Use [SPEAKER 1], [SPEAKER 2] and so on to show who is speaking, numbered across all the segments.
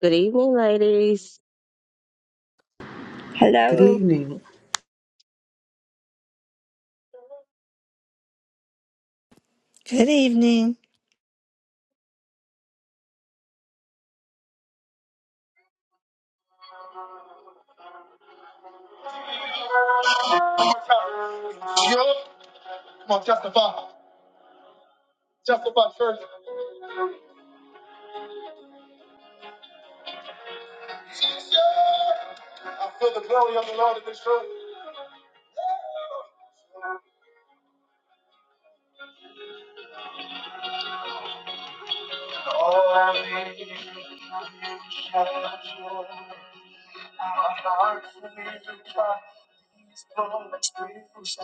[SPEAKER 1] Good evening, ladies.
[SPEAKER 2] Good
[SPEAKER 3] Hello.
[SPEAKER 2] evening.
[SPEAKER 4] Good evening,
[SPEAKER 1] Yep. Come on, testify. Testify, church. I feel the glory of the Lord in this room.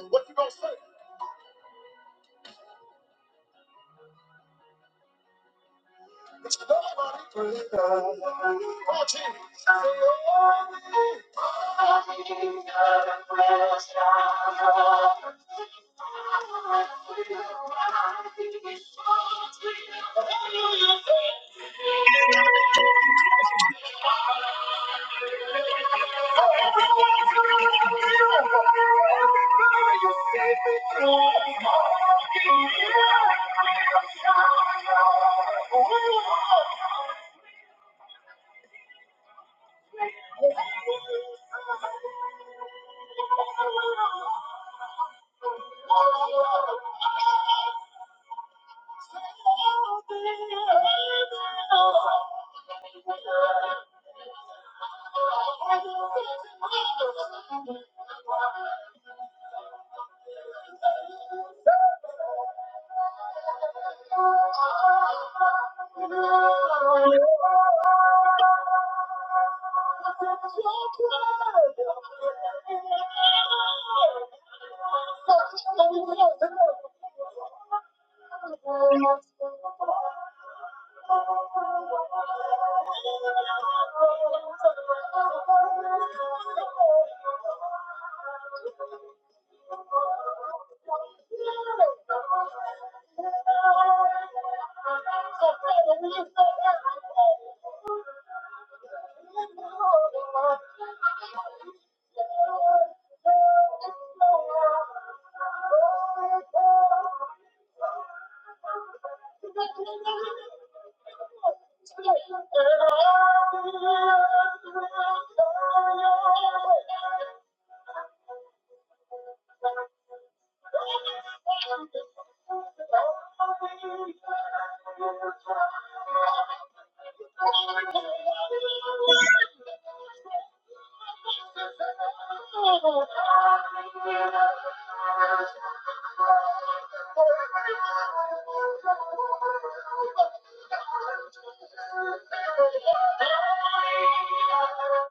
[SPEAKER 1] What you gonna say? It's nobody greater. Come on, team. Say, oh. Thank you. Thank you. So Father, we lift up everything. Thank you.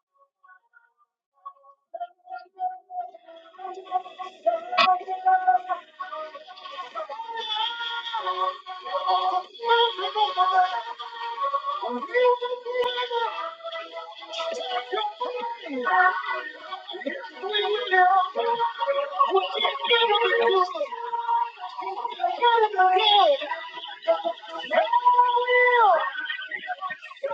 [SPEAKER 1] Thank you. Thank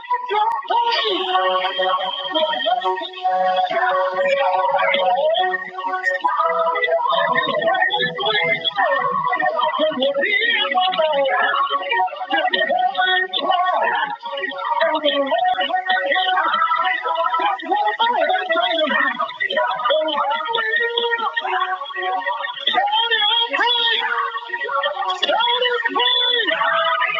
[SPEAKER 1] you.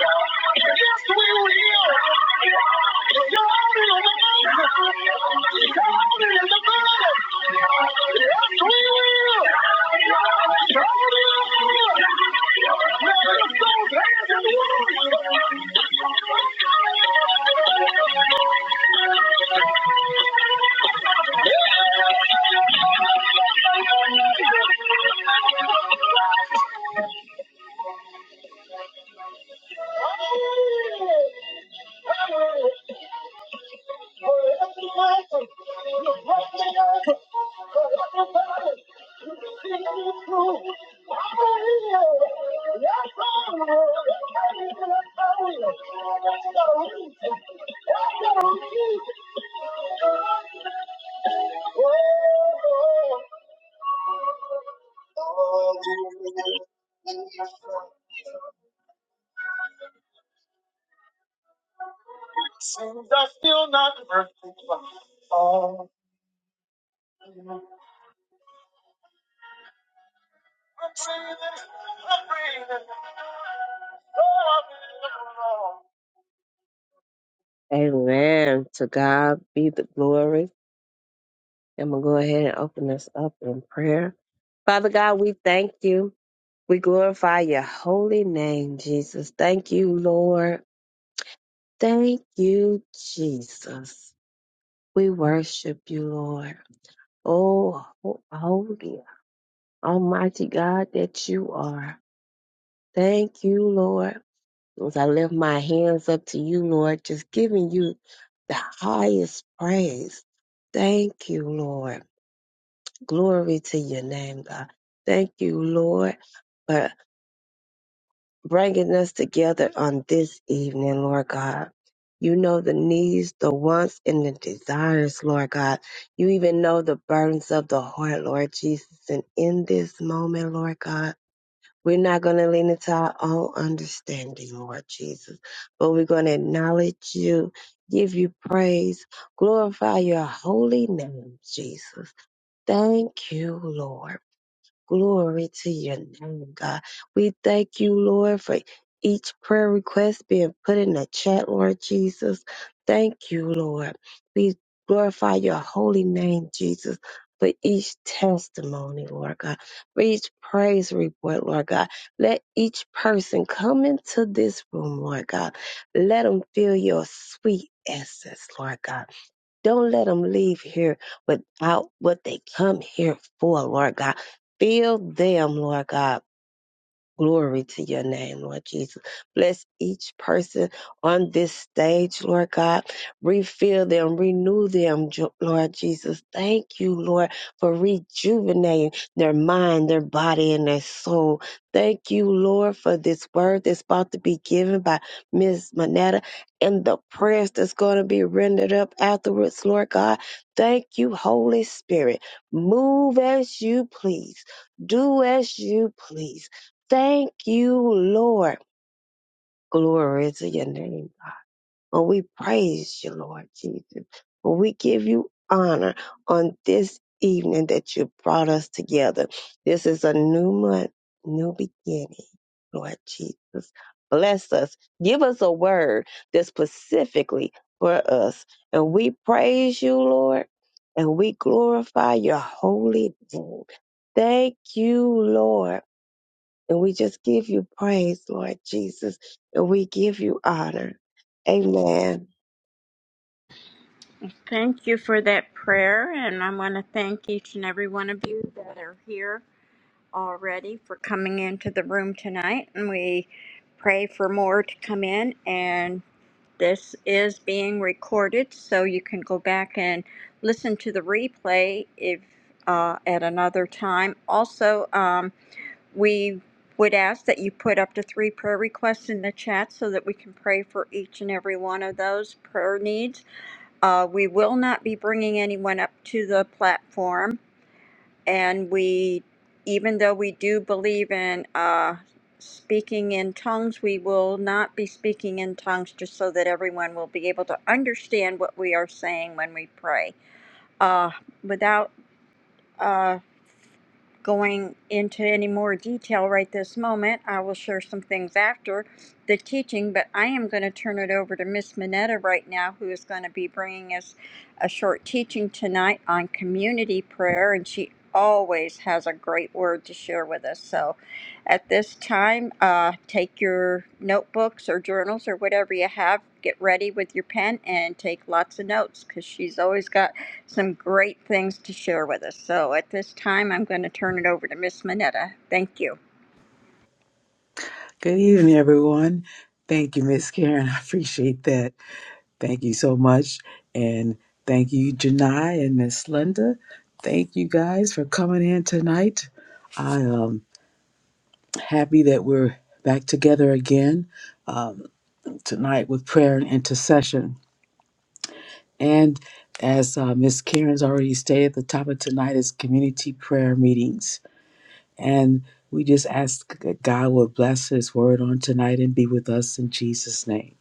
[SPEAKER 1] Thank you. Amen. To God be the glory. I'm going to go ahead and open this up in prayer. Father God, we thank you. We glorify your holy name, Jesus. Thank you, Lord. Thank you, Jesus. We worship you, Lord. Oh, ho- holy, almighty God that you are. Thank you, Lord. As I lift my hands up to you, Lord, just giving you the highest praise. Thank you, Lord. Glory to your name, God. Thank you, Lord, for bringing us together on this evening, Lord God. You know the needs, the wants, and the desires, Lord God. You even know the burdens of the heart, Lord Jesus. And in this moment, Lord God, we're not going to lean into our own understanding, Lord Jesus, but we're going to acknowledge you, give you praise, glorify your holy name, Jesus. Thank you, Lord. Glory to your name, God. We thank you, Lord, for each prayer request being put in the chat, Lord Jesus. Thank you, Lord. We glorify your holy name, Jesus, for each testimony, Lord God, for each praise report, Lord God. Let each person come into this room, Lord God. Let them feel your sweet essence, Lord God. Don't let them leave here without what they come here for, Lord God. Fill them, Lord God. Glory to your name, Lord Jesus. Bless each person on this stage, Lord God. Refill them, renew them, Jo- Lord Jesus. Thank you, Lord, for rejuvenating their mind, their body, and their soul. Thank you, Lord, for this word that's about to be given by Miss Manetta and the prayers that's going to be rendered up afterwards, Lord God. Thank you, Holy Spirit. Move as you please. Do as you please. Thank you, Lord. Glory to your name. Oh, we praise you, Lord Jesus. Oh, we give you honor on this evening that you brought us together. This is a new month, new beginning, Lord Jesus. Bless us. Give us a word that's specifically for us. And we praise you, Lord, and we glorify your holy name. Thank you, Lord. And we just give you praise, Lord Jesus, and we give you honor. Amen.
[SPEAKER 3] Thank you for that prayer, and I want to thank each and every one of you that are here already for coming into the room tonight. And we pray for more to come in, and this is being recorded, so you can go back and listen to the replay if uh, at another time. Also, um, we would ask that you put up to three prayer requests in the chat so that we can pray for each and every one of those prayer needs. Uh, we will not be bringing anyone up to the platform, and we, even though we do believe in uh, speaking in tongues, we will not be speaking in tongues just so that everyone will be able to understand what we are saying when we pray. Uh, without uh, going into any more detail right this moment. I will share some things after the teaching, but I am going to turn it over to Miss Minetta right now, who is going to be bringing us a short teaching tonight on community prayer, and she always has a great word to share with us. So at this time, uh, take your notebooks or journals or whatever you have, get ready with your pen, and take lots of notes because she's always got some great things to share with us. So at this time, I'm going to turn it over to Miss Minetta. Thank you.
[SPEAKER 2] Good evening, everyone. Thank you, Miss Karen. I appreciate that. Thank you so much. And thank you, Janai and Miss Linda. Thank you guys for coming in tonight. I am happy that we're back together again um, tonight with prayer and intercession. And as uh, Miss Karen's already stated, the topic tonight is community prayer meetings. And we just ask that God will bless His word on tonight and be with us in Jesus' name.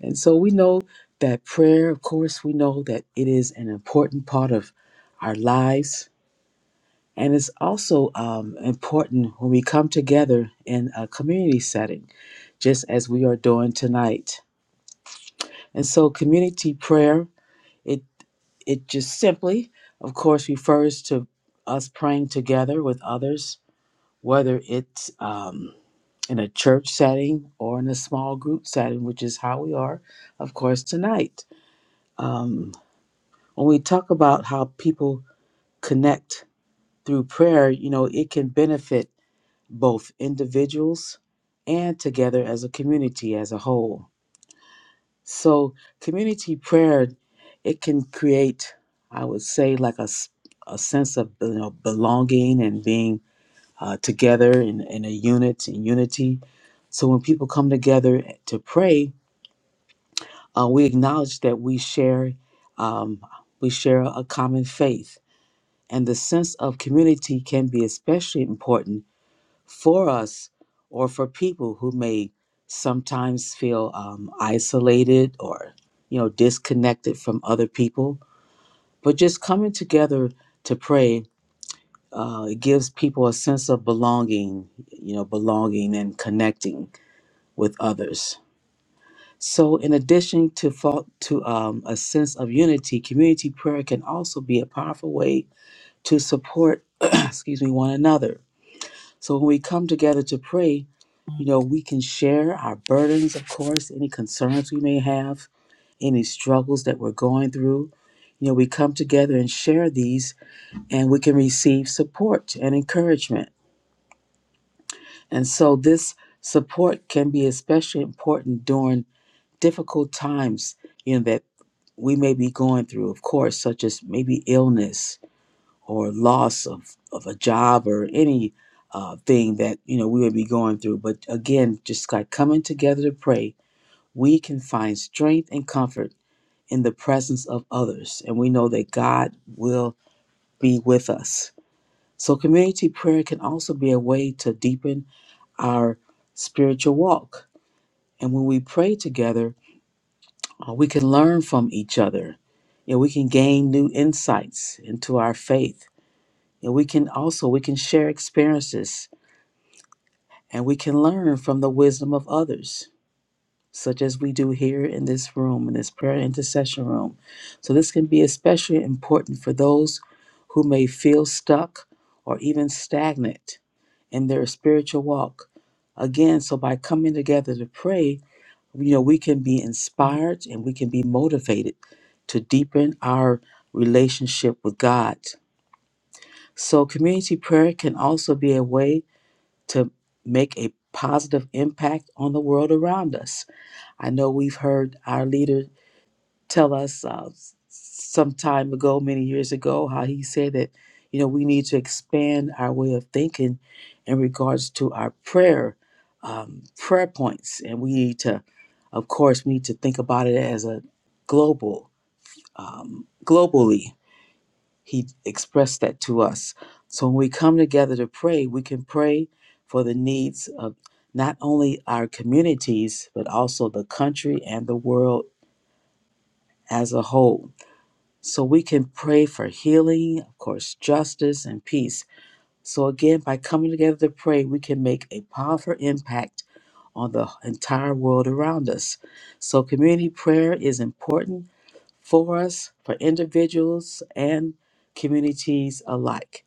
[SPEAKER 2] And so we know that prayer, of course, we know that it is an important part of our lives. And it's also um, important when we come together in a community setting, just as we are doing tonight. And so, community prayer, it, it just simply, of course, refers to us praying together with others, whether it's um, in a church setting or in a small group setting, which is how we are, of course, tonight. Um, when we talk about how people connect through prayer, you know, it can benefit both individuals and together as a community as a whole. So, community prayer, it can create, I would say, like a, s- a sense of you know, belonging and being uh, together in, in a unit, in unity. So, when people come together to pray, Uh, we acknowledge that we share um, we share a common faith, and the sense of community can be especially important for us or for people who may sometimes feel um, isolated or you know disconnected from other people. But just coming together to pray uh, it gives people a sense of belonging, you know, belonging and connecting with others. So, in addition to fo- to um, a sense of unity, community prayer can also be a powerful way to support, excuse me, one another. So, when we come together to pray, you know, we can share our burdens, of course, any concerns we may have, any struggles that we're going through. You know, we come together and share these, and we can receive support and encouragement. And so, this support can be especially important during difficult times You know that. we may be going through, of course, such as maybe illness or loss of, of a job or any uh, thing that you know we would be going through. But again, just like coming together to pray, we can find strength and comfort in the presence of others, and we know that God will be with us. So, community prayer can also be a way to deepen our spiritual walk. And when we pray together, Uh, we can learn from each other. You know, we can gain new insights into our faith. And we can also we can share experiences and we can learn from the wisdom of others, such as we do here in this room, in this prayer intercession room. So this can be especially important for those who may feel stuck or even stagnant in their spiritual walk. Again, so by coming together to pray, you know we can be inspired and we can be motivated to deepen our relationship with god so community prayer can also be a way to make a positive impact on the world around us i know we've heard our leaders tell us uh, s- some time ago, many years ago, how he said that, you know, we need to expand our way of thinking in regards to our prayer, um, prayer points. And we need to, of course, we need to think about it as a global, um, globally. He expressed that to us. So when we come together to pray, we can pray for the needs of not only our communities, but also the country and the world as a whole. So we can pray for healing, of course, justice, and peace. So again, by coming together to pray, we can make a powerful impact on the entire world around us. So community prayer is important for us, for individuals and communities alike.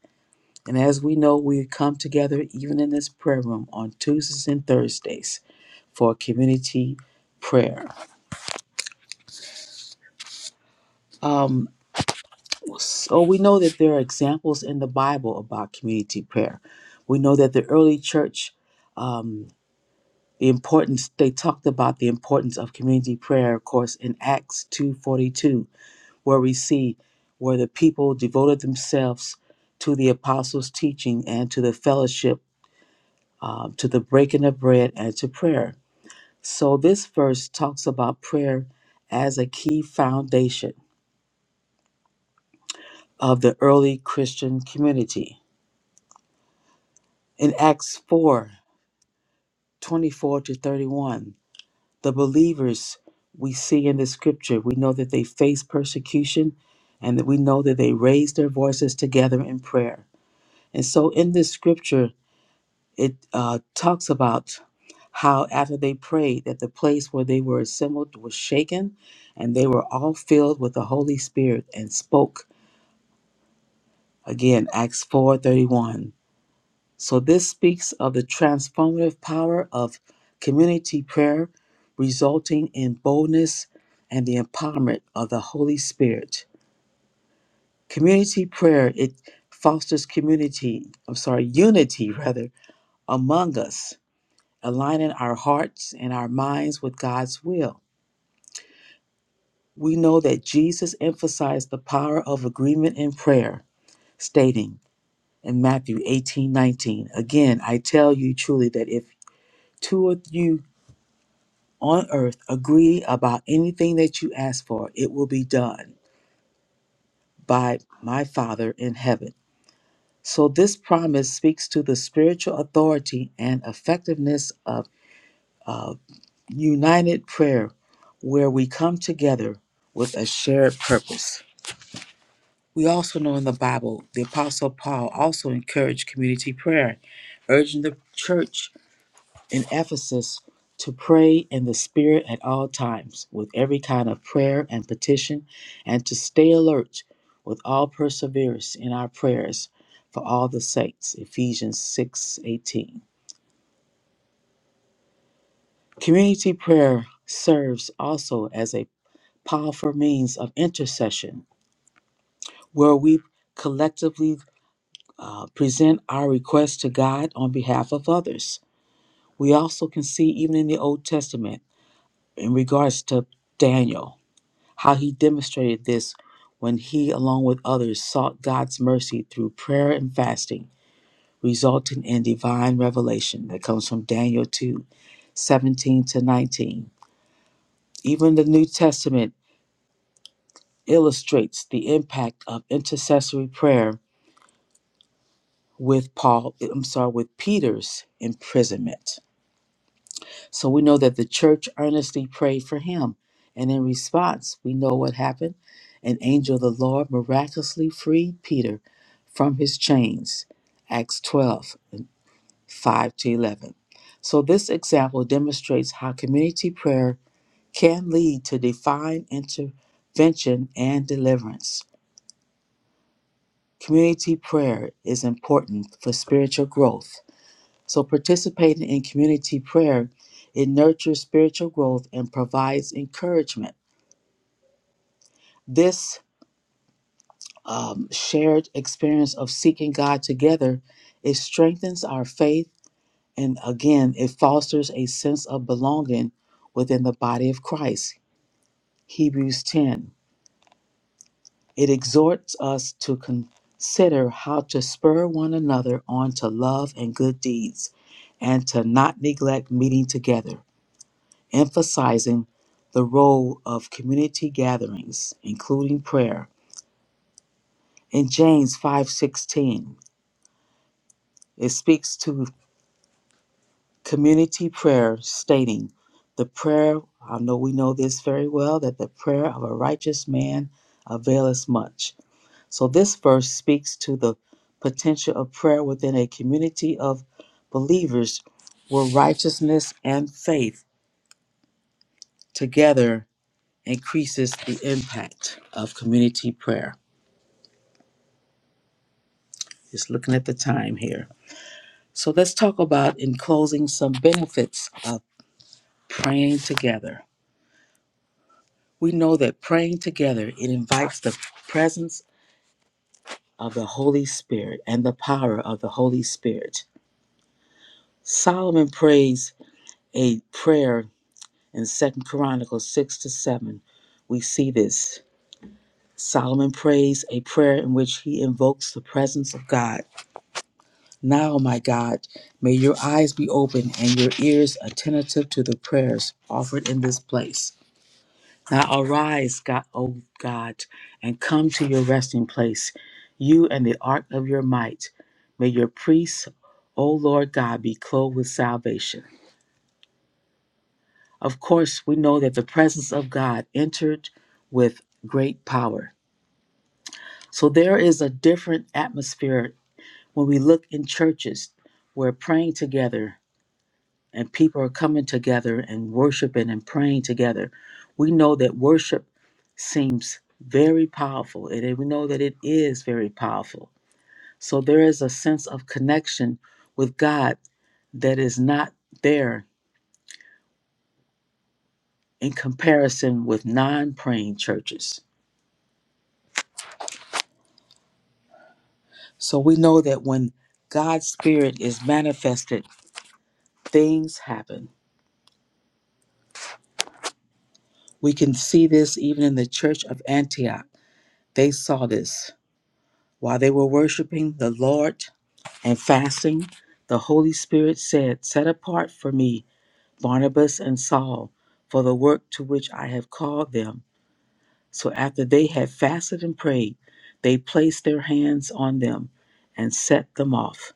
[SPEAKER 2] And as we know, we come together even in this prayer room on Tuesdays and Thursdays for community prayer. Um. So we know that there are examples in the Bible about community prayer. We know that the early church, um, the importance they talked about the importance of community prayer. Of course, in Acts two forty two, where we see where the people devoted themselves to the apostles' teaching and to the fellowship, uh, to the breaking of bread and to prayer. So this verse talks about prayer as a key foundation of the early Christian community. In Acts 4, 24 to 31. The believers we see in the scripture, we know that they faced persecution and that we know that they raised their voices together in prayer. And so in this scripture, it uh, talks about how after they prayed that the place where they were assembled was shaken and they were all filled with the holy spirit and spoke again acts 4:31 So, this speaks of the transformative power of community prayer, resulting in boldness and the empowerment of the Holy Spirit. Community prayer, it fosters community, I'm sorry, unity rather, among us, aligning our hearts and our minds with God's will. We know that Jesus emphasized the power of agreement in prayer, stating in Matthew 18 19 Again, I tell you truly that if two of you on earth agree about anything that you ask for, it will be done by my Father in heaven. So, this promise speaks to the spiritual authority and effectiveness of, of united prayer, where we come together with a shared purpose. We also know in the Bible, the Apostle Paul also encouraged community prayer, urging the church in Ephesus to pray in the Spirit at all times, with every kind of prayer and petition, and to stay alert with all perseverance in our prayers for all the saints. Ephesians 6 18. Community prayer serves also as a powerful means of intercession, where we collectively uh, present our requests to God on behalf of others. We also can see, even in the Old Testament, in regards to Daniel, how he demonstrated this when he, along with others, sought God's mercy through prayer and fasting, resulting in divine revelation that comes from Daniel 2, 17 to 19. Even the New Testament illustrates the impact of intercessory prayer with Paul, I'm sorry, with Peter's imprisonment. So we know that the church earnestly prayed for him. And in response, we know what happened. An angel of the Lord miraculously freed Peter from his chains. Acts 12 5 to 11. So this example demonstrates how community prayer can lead to divine intervention and deliverance. Community prayer is important for spiritual growth so, participating in community prayer, it nurtures spiritual growth and provides encouragement. This um, shared experience of seeking God together, it strengthens our faith, and again, it fosters a sense of belonging within the body of Christ. Hebrews 10. It exhorts us to consider how to spur one another on to love and good deeds, and to not neglect meeting together emphasizing the role of community gatherings, including prayer. In James 5:16, it speaks to community prayer stating, "The prayer, I know we know this very well, that the prayer of a righteous man availeth much." So this verse speaks to the potential of prayer within a community of believers where righteousness and faith together increases the impact of community prayer. Just looking at the time here. So let's talk about, in closing, some benefits of praying together. We know that praying together, it invites the presence of the Holy Spirit and the power of the Holy Spirit. Solomon prays a prayer in Second Chronicles 6 to 7. We see this. Solomon prays a prayer in which he invokes the presence of God Now, my God, may your eyes be open and your ears attentive to the prayers offered in this place. Now arise, God, O God, and come to your resting place, you and the ark of your might. May your priests, O Lord God, be clothed with salvation. Of course, we know that the presence of God entered with great power. So there is a different atmosphere when we look in churches. where praying together and people are coming together and worshiping and praying together. We know that worship seems very powerful, and we know that it is very powerful. So there is a sense of connection with God that is not there in comparison with non praying churches. So we know that when God's Spirit is manifested, things happen. We can see this even in the church of Antioch. They saw this while they were worshiping the Lord and fasting, the Holy Spirit said, Set apart for me Barnabas and Saul for the work to which I have called them. So after they had fasted and prayed, they placed their hands on them and set them off.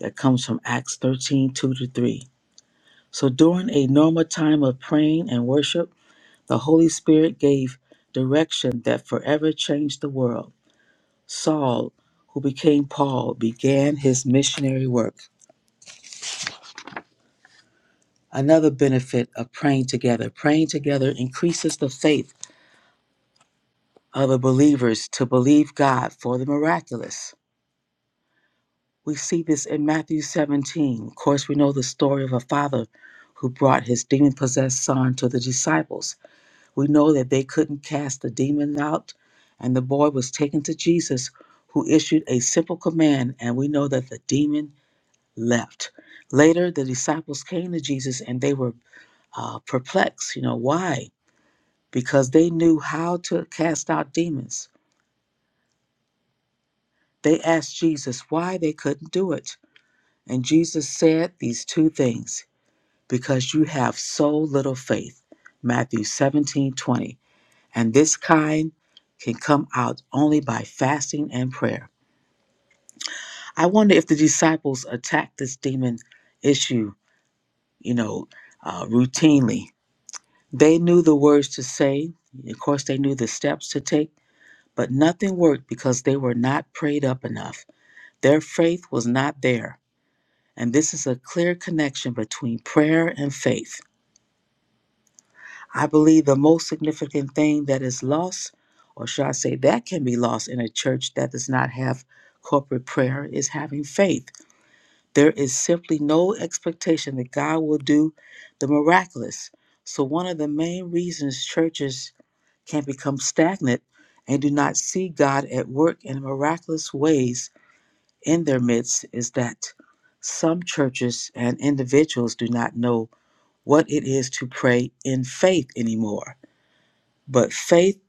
[SPEAKER 2] That comes from Acts 13 2 to 3. So during a normal time of praying and worship, the Holy Spirit gave direction that forever changed the world. Saul, who became Paul, began his missionary work. Another benefit of praying together praying together increases the faith of the believers to believe God for the miraculous. We see this in Matthew 17. Of course, we know the story of a father who brought his demon possessed son to the disciples. We know that they couldn't cast the demon out, and the boy was taken to Jesus, who issued a simple command, and we know that the demon left. Later, the disciples came to Jesus and they were uh, perplexed. You know, why? because they knew how to cast out demons. They asked Jesus why they couldn't do it. And Jesus said these two things because you have so little faith. Matthew 17 20, And this kind can come out only by fasting and prayer. I wonder if the disciples attacked this demon issue, you know, uh, routinely. They knew the words to say. Of course, they knew the steps to take, but nothing worked because they were not prayed up enough. Their faith was not there. And this is a clear connection between prayer and faith. I believe the most significant thing that is lost, or should I say that can be lost in a church that does not have corporate prayer, is having faith. There is simply no expectation that God will do the miraculous. So, one of the main reasons churches can become stagnant and do not see God at work in miraculous ways in their midst is that some churches and individuals do not know what it is to pray in faith anymore. But faith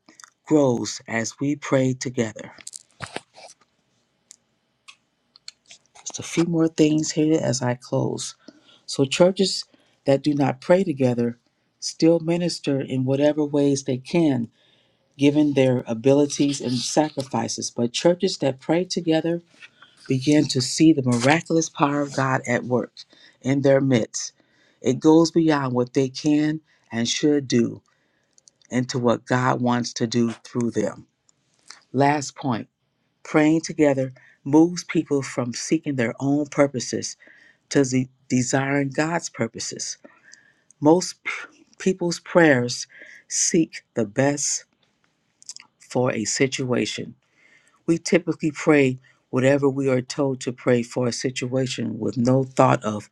[SPEAKER 2] grows as we pray together. Just a few more things here as I close. So, churches that do not pray together still minister in whatever ways they can, given their abilities and sacrifices. But churches that pray together begin to see the miraculous power of God at work in their midst. It goes beyond what they can and should do into what God wants to do through them. Last point praying together moves people from seeking their own purposes to ze- desiring God's purposes. Most p- people's prayers seek the best for a situation. We typically pray whatever we are told to pray for a situation with no thought of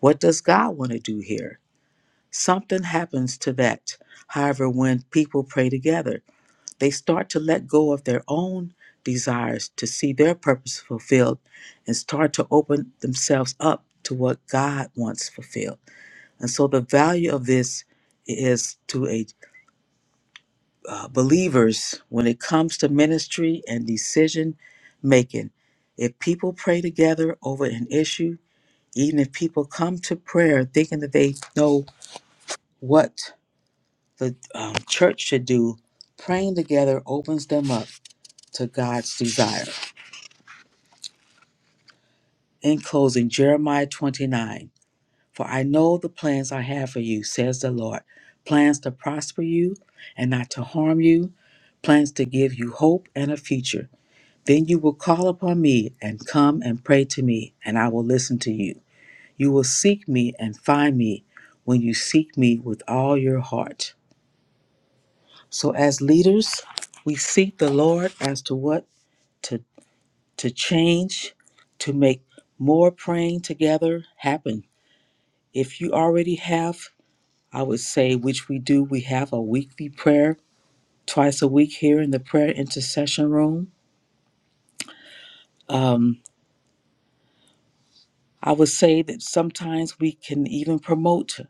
[SPEAKER 2] What does God want to do here? Something happens to that. However, when people pray together, they start to let go of their own desires to see their purpose fulfilled and start to open themselves up to what God wants fulfilled. And so the value of this is to a uh, believers when it comes to ministry and decision making. If people pray together over an issue, even if people come to prayer thinking that they know what the um, church should do, praying together opens them up to God's desire. In closing, Jeremiah 29 For I know the plans I have for you, says the Lord plans to prosper you and not to harm you, plans to give you hope and a future. Then you will call upon me and come and pray to me, and I will listen to you. You will seek me and find me when you seek me with all your heart. So, as leaders, we seek the Lord as to what to, to change to make more praying together happen. If you already have, I would say, which we do, we have a weekly prayer twice a week here in the prayer intercession room. Um, I would say that sometimes we can even promote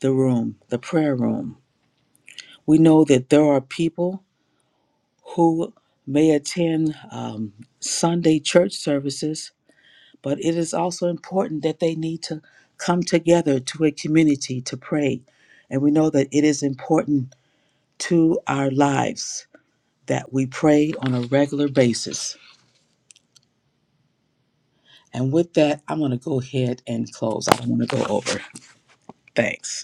[SPEAKER 2] the room, the prayer room. We know that there are people who may attend um, Sunday church services but it is also important that they need to come together to a community to pray. And we know that it is important to our lives that we pray on a regular basis. And with that, I'm going to go ahead and close. I don't want to go over. Thanks.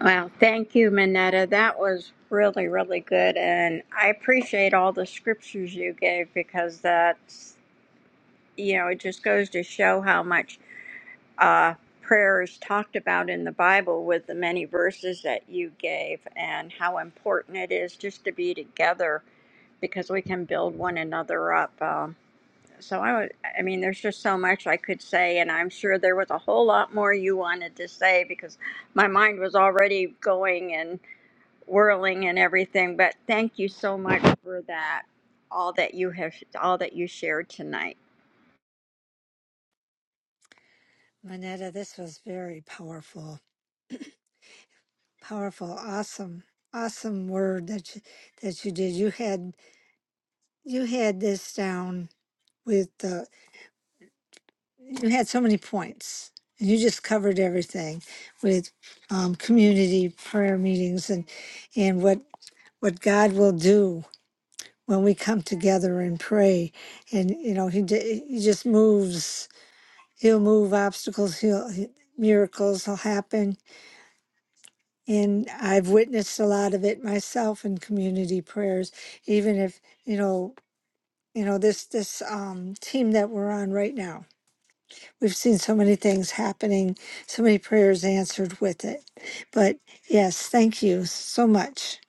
[SPEAKER 3] Well, thank you, Minetta. That was really, really good. And I appreciate all the scriptures you gave because that's, you know, it just goes to show how much uh, prayer is talked about in the Bible with the many verses that you gave and how important it is just to be together because we can build one another up. Um, So I would, I mean, there's just so much I could say, and I'm sure there was a whole lot more you wanted to say because my mind was already going and whirling and everything. But thank you so much for that, all that you have, all that you shared tonight.
[SPEAKER 4] Manetta. This was very powerful, powerful, awesome, awesome word that you, that you did. You had you had this down with the. You had so many points, and you just covered everything with um, community prayer meetings and and what what God will do when we come together and pray. And you know, he d- he just moves. He'll move obstacles. He'll he, miracles will happen And I've witnessed a lot of it myself in community prayers, even if, you know, you know, this this um, team that we're on right now, we've seen so many things happening, so many prayers answered with it. But yes, thank you so much.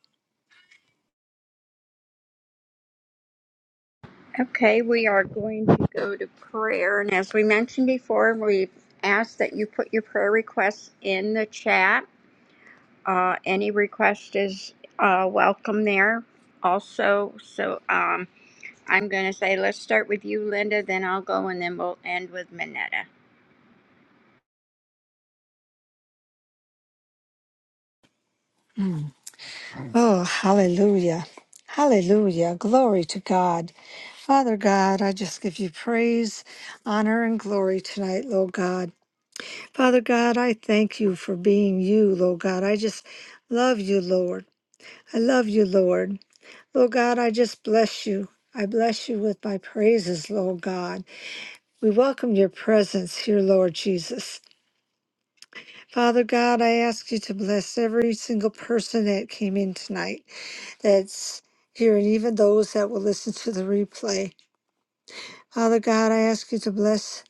[SPEAKER 3] Okay, we are going to go to prayer, and as we mentioned before, we ask that you put your prayer requests in the chat. Uh, any request is uh, welcome there. Also, so. Um, I'm going to say, let's start with you, Linda, then I'll go, and then we'll end with Minetta.
[SPEAKER 4] Oh, hallelujah. Hallelujah. Glory to God. Father God, I just give you praise, honor, and glory tonight, Lord God. Father God, I thank you for being you, Lord God. I just love you, Lord. I love you, Lord. Lord God, I just bless you. I bless you with my praises, Lord God. We welcome your presence here, Lord Jesus. Father God, I ask you to bless every single person that came in tonight that's here, and even those that will listen to the replay. Father God, I ask you to bless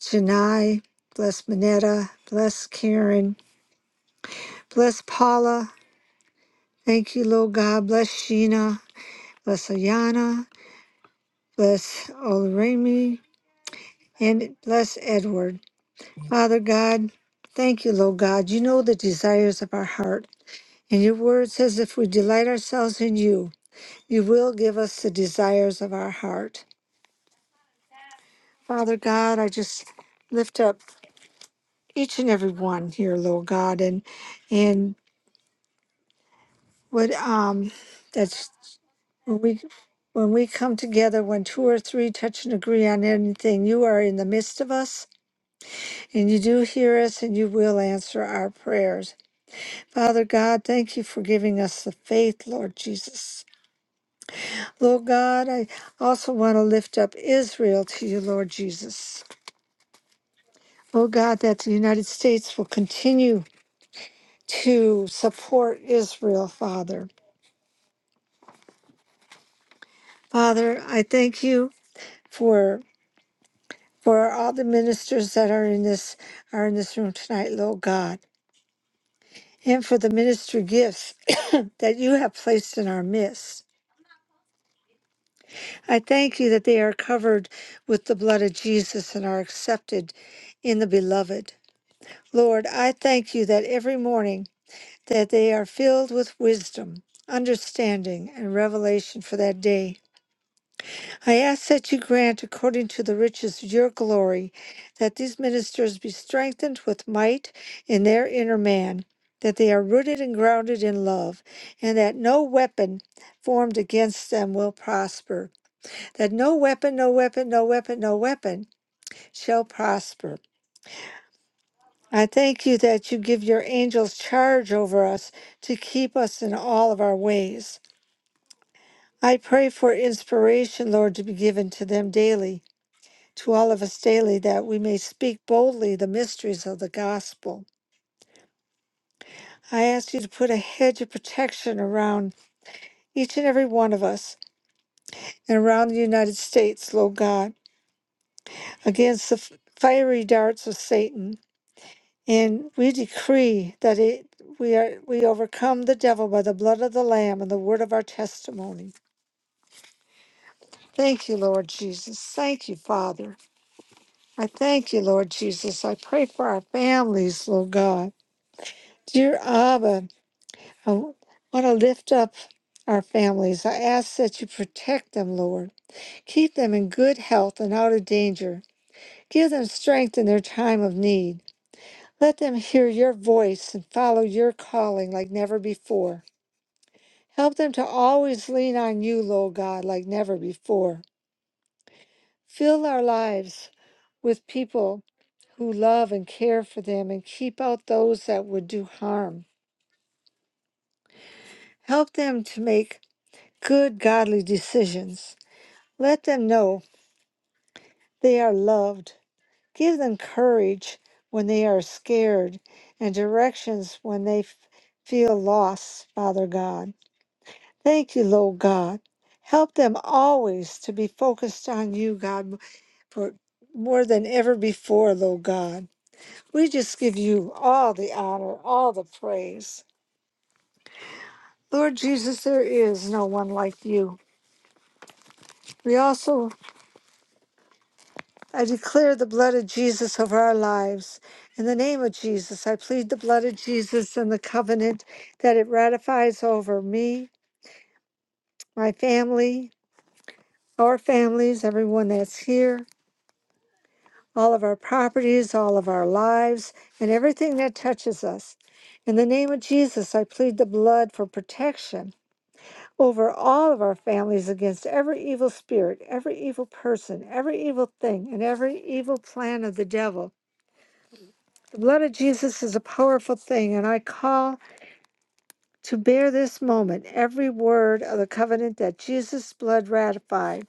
[SPEAKER 4] Janai, bless Manetta, bless Karen, bless Paula, Thank you, Lord God. Bless Sheena, bless Ayana, bless Olaremi, and bless Edward. Father God, thank you, Lord God. You know the desires of our heart. And your word says if we delight ourselves in you, you will give us the desires of our heart. Father God, I just lift up each and every one here, Lord God, and and what um that's When we, when we come together, when two or three touch and agree on anything, you are in the midst of us, and you do hear us, and you will answer our prayers. Father God, thank you for giving us the faith, Lord Jesus. Lord God, I also want to lift up Israel to you, Lord Jesus. Lord God, that the United States will continue to support Israel, Father. Father, I thank you for. for all the ministers that are in this are in this room tonight, Lord God, and for the ministry gifts that you have placed in our midst. I thank you that they are covered with the blood of Jesus and are accepted in the beloved. Lord, I thank you that every morning that they are filled with wisdom, understanding, and revelation for that day. I ask that you grant, according to the riches of your glory, that these ministers be strengthened with might in their inner man, that they are rooted and grounded in love, and that no weapon formed against them will prosper. That no weapon, no weapon, no weapon, no weapon shall prosper. I thank you that you give your angels charge over us to keep us in all of our ways. I pray for inspiration, Lord, to be given to them daily to all of us daily that we may speak boldly the mysteries of the gospel. I ask you to put a hedge of protection around each and every one of us and around the United States, Lord God, against the f- fiery darts of Satan. And we decree that it, we are we overcome the devil by the blood of the Lamb and the word of our testimony. Thank you, Lord Jesus. Thank you, Father. I thank you, Lord Jesus. I pray for our families, Lord God. Dear Abba, I want to lift up our families. I ask that you protect them, Lord. Keep them in good health and out of danger. Give them strength in their time of need. Let them hear your voice and follow your calling like never before. Help them to always lean on you, Lord God, like never before. Fill our lives with people who love and care for them and keep out those that would do harm. Help them to make good, godly decisions. Let them know They are loved. Give them courage when they are scared and directions when they f- feel lost, Father God. Thank you, Lord God. Help them always to be focused on you, God, for more than ever before, Lord God. We just give you all the honor, all the praise. Lord Jesus, there is no one like you. We also I declare the blood of Jesus over our lives. In the name of Jesus, I plead the blood of Jesus and the covenant that it ratifies over me, my family, our families, everyone that's here, all of our properties, all of our lives, and everything that touches us. In the name of Jesus, I plead the blood for protection over all of our families against every evil spirit, every evil person, every evil thing, and every evil plan of the devil. The blood of Jesus is a powerful thing, and I call to bear this moment every word of the covenant that Jesus' blood ratified.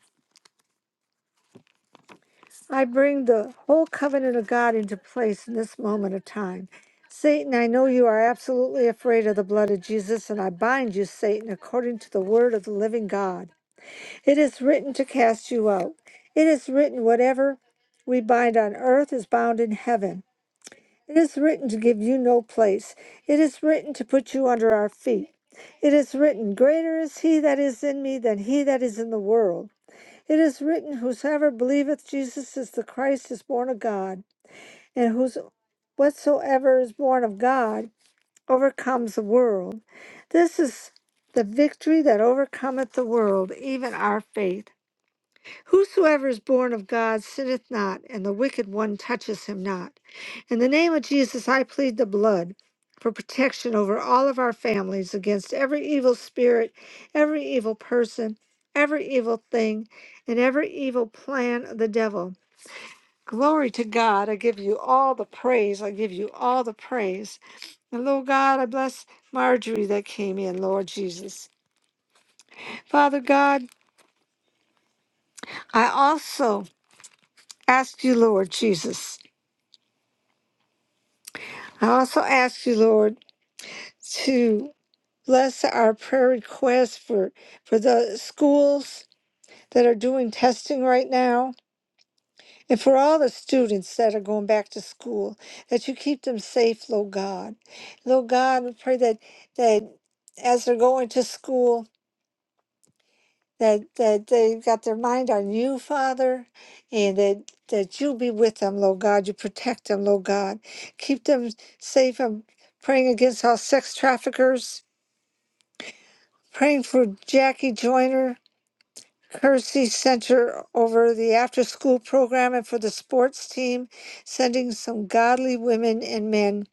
[SPEAKER 4] I bring the whole covenant of God into place in this moment of time. Satan, I know you are absolutely afraid of the blood of Jesus, and I bind you, Satan, according to the word of the living God. It is written to cast you out. It is written, whatever we bind on earth is bound in heaven. It is written to give you no place. It is written to put you under our feet. It is written, Greater is he that is in me than he that is in the world. It is written, Whosoever believeth Jesus is the Christ is born of God, and whos whatsoever is born of God overcomes the world. This is the victory that overcometh the world, even our faith. Whosoever is born of God sinneth not, and the wicked one touches him not. In the name of Jesus, I plead the blood for protection over all of our families against every evil spirit, every evil person, every evil thing, and every evil plan of the devil. Glory to God. I give you all the praise. I give you all the praise. And Lord God, I bless Marjorie that came in, Lord Jesus. Father God, I also ask you, Lord Jesus. I also ask you, Lord, to bless our prayer requests for, for the schools that are doing testing right now and for all the students that are going back to school, that you keep them safe, Lord God. Lord God, we pray that, that as they're going to school, that, that they've got their mind on you, Father, and that, that you be with them, Lord God. You protect them, Lord God. Keep them safe. I'm praying against all sex traffickers praying for Jackie Joyner, Kersey Center over the after school program and for the sports team, sending some godly women and men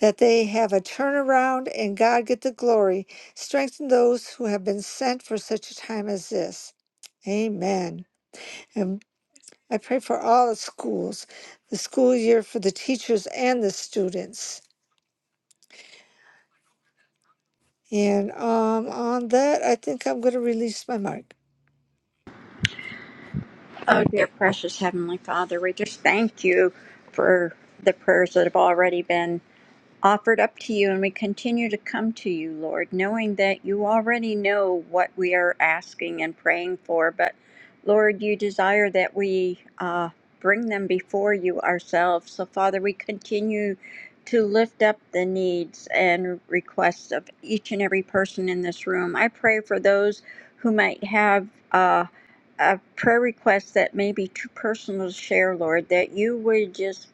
[SPEAKER 4] that they have a turnaround and God get the glory. Strengthen those who have been sent for such a time as this. Amen. And I pray for all the schools, the school year for the teachers and the students. And um, on that, I think I'm going to release my mic.
[SPEAKER 3] Oh, dear precious Heavenly Father, we just thank you for the prayers that have already been offered up to you, and we continue to come to you, Lord, knowing that you already know what we are asking and praying for. But Lord, you desire that we uh, bring them before you ourselves. So, Father, we continue to lift up the needs and requests of each and every person in this room. I pray for those who might have. Uh, a prayer request that may be too personal to share, Lord, that you would just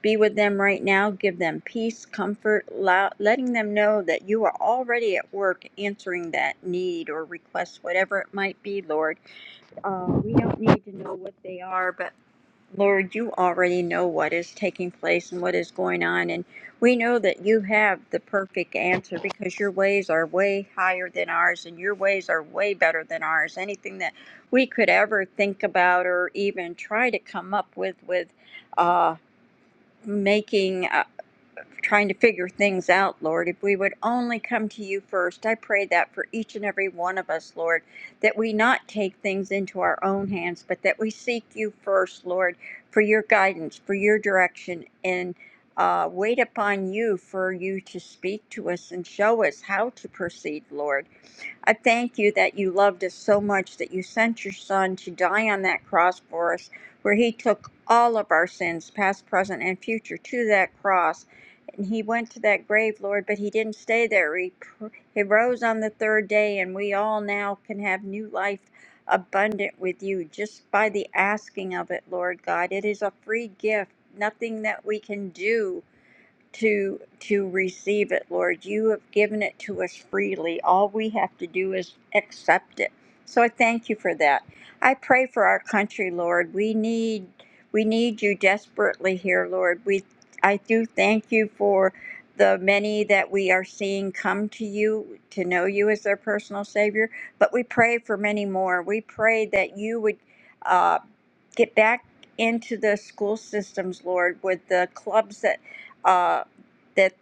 [SPEAKER 3] be with them right now. Give them peace, comfort, letting them know that you are already at work answering that need or request, whatever it might be, Lord. Uh, we don't need to know what they are, but Lord, you already know what is taking place and what is going on. And we know that you have the perfect answer because your ways are way higher than ours and your ways are way better than ours. Anything that we could ever think about or even try to come up with, with, uh, making. uh, trying to figure things out, Lord. If we would only come to you first, I pray that for each and every one of us, Lord, that we not take things into our own hands, but that we seek you first, Lord, for your guidance, for your direction, and uh, wait upon you for you to speak to us and show us how to proceed, Lord. I thank you that you loved us so much that you sent your Son to die on that cross for us, where he took all of our sins, past, present, and future, to that cross. And he went to that grave, Lord, but he didn't stay there. He, pr- he rose on the third day, and we all now can have new life abundant with you just by the asking of it, Lord God. It is a free gift, nothing that we can do to to receive it lord you have given it to us freely all we have to do is accept it so i thank you for that i pray for our country lord we need we need you desperately here lord we i do thank you for the many that we are seeing come to you to know you as their personal savior but we pray for many more we pray that you would uh, get back into the school systems lord with the clubs that uh that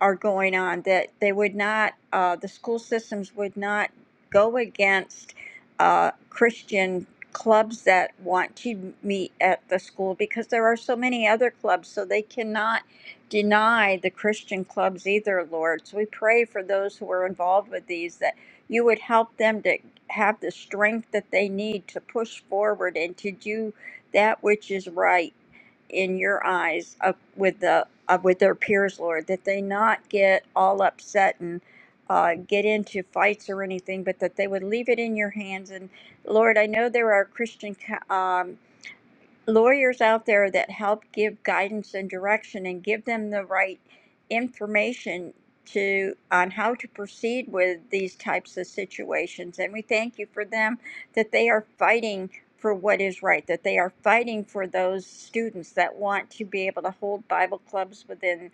[SPEAKER 3] are going on that they would not uh, the school systems would not go against uh, christian clubs that want to meet at the school because there are so many other clubs so they cannot deny the christian clubs either lord so we pray for those who are involved with these that you would help them to have the strength that they need to push forward and to do that which is right in your eyes of, with the of, with their peers, Lord, that they not get all upset and uh, get into fights or anything, but that they would leave it in your hands. And Lord, I know there are Christian co- um, lawyers out there that help give guidance and direction and give them the right information to on how to proceed with these types of situations and we thank you for them that they are fighting for what is right that they are fighting for those students that want to be able to hold bible clubs within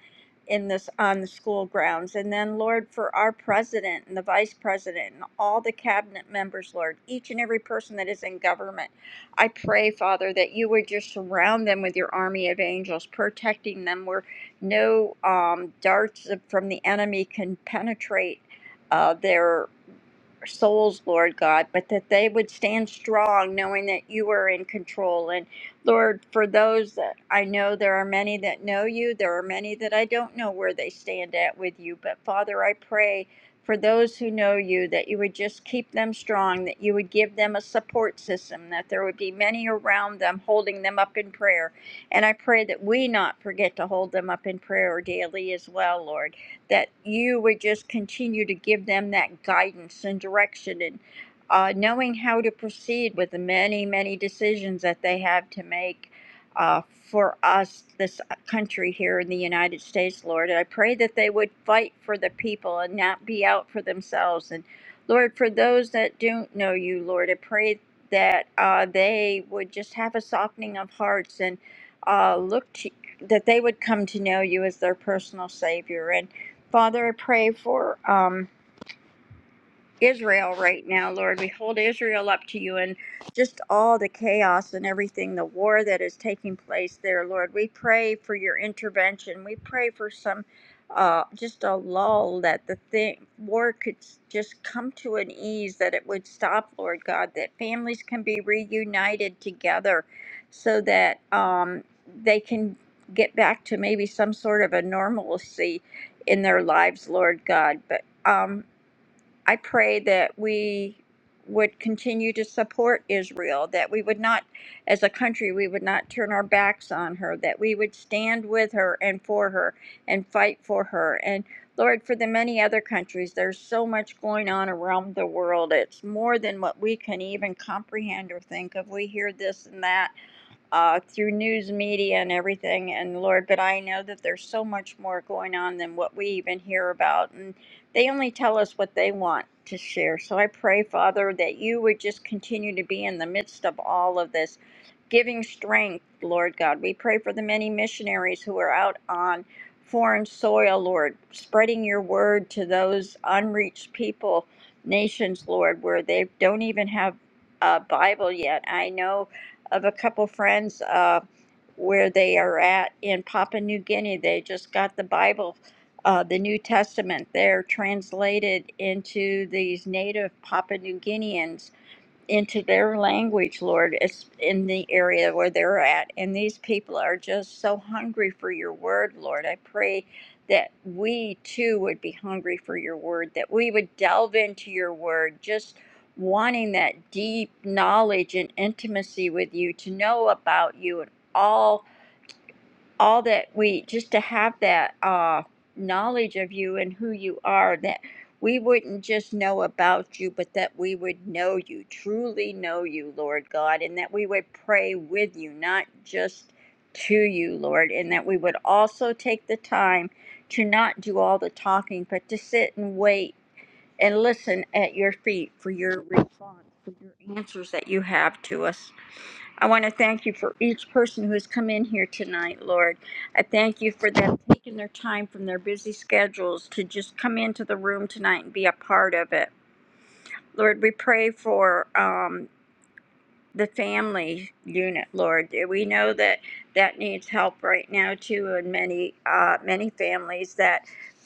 [SPEAKER 3] in this on the school grounds and then lord for our president and the vice president and all the cabinet members lord each and every person that is in government I pray, Father, that you would just surround them with your army of angels, protecting them where no um, darts from the enemy can penetrate. Uh, their souls, Lord God, but that they would stand strong knowing that you are in control. And Lord, for those that I know, there are many that know you, there are many that I don't know where they stand at with you. But Father, I pray for those who know you that you would just keep them strong, that you would give them a support system, that there would be many around them holding them up in prayer. And I pray that we not forget to hold them up in prayer daily as well, Lord that you would just continue to give them that guidance and direction and uh, knowing how to proceed with the many, many decisions that they have to make uh, for us, this uh, country here in the United States, Lord. And I pray that they would fight for the people and not be out for themselves. And Lord, for those that don't know you, Lord, I pray that uh, they would just have a softening of hearts and uh, look to that they would come to know you as their personal savior and. Father, I pray for um, Israel right now, Lord. We hold Israel up to you and just all the chaos and everything, the war that is taking place there, Lord. We pray for your intervention. We pray for some, uh, just a lull that the thing, war could s- just come to an ease, that it would stop, Lord God, that families can be reunited together so that um, they can get back to maybe some sort of a normalcy in their lives, Lord God. But, um, I pray that we would continue to support Israel, that we would not, as a country, we would not turn our backs on her, that we would stand with her and for her and fight for her. And Lord, for the many other countries, there's so much going on around the world. It's more than what we can even comprehend or think of. We hear this and that uh, through news media and everything. And Lord, but I know that there's so much more going on than what we even hear about. And they only tell us what they want to share. So I pray, Father, that you would just continue to be in the midst of all of this, giving strength, Lord God. We pray for the many missionaries who are out on foreign soil, Lord, spreading your word to those unreached people, nations, Lord, where they don't even have a Bible yet. I know of a couple friends uh, where they are at in Papua New Guinea. They just got the Bible, uh, the New Testament, there translated into these native Papua New Guineans into their language, Lord, it's in the area where they're at. And these people are just so hungry for your word, Lord. I pray that we too would be hungry for your word, that we would delve into your word, just wanting that deep knowledge and intimacy with you, to know about you and all all that we just to have that uh, knowledge of you and who you are that we wouldn't just know about you but that we would know you truly know you lord god and that we would pray with you not just to you lord and that we would also take the time to not do all the talking but to sit and wait and listen at your feet for your response for your answers that you have to us I want to thank you for each person who has come in here tonight, Lord. I thank you for them taking their time from their busy schedules to just come into the room tonight and be a part of it. Lord, we pray for um, the family unit, Lord. We know that that needs help right now too, and many uh, many families that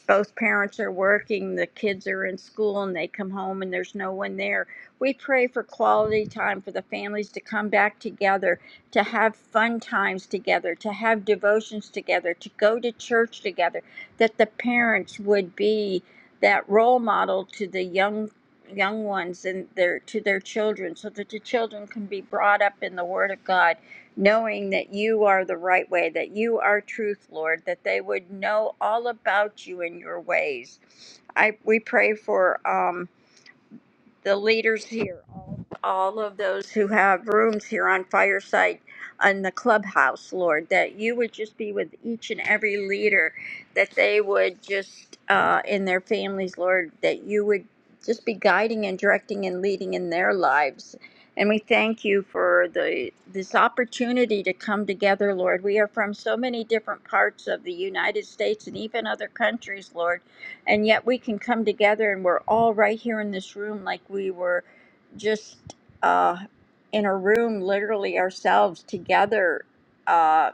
[SPEAKER 3] both parents are working, the kids are in school, and they come home and there's no one there. We pray for quality time for the families to come back together, to have fun times together, to have devotions together, to go to church together. That the parents would be that role model to the young young ones and their to their children so that the children can be brought up in the word of god knowing that you are the right way that you are truth lord that they would know all about you and your ways i we pray for um the leaders here, all, all of those who have rooms here on Fireside on the clubhouse, Lord, that you would just be with each and every leader, that they would just, uh, in their families, Lord, that you would just be guiding and directing and leading in their lives. And we thank you for the this opportunity to come together, Lord. We are from so many different parts of the United States and even other countries, Lord and yet we can come together and we're all right here in this room like we were just uh, in a room literally ourselves together uh,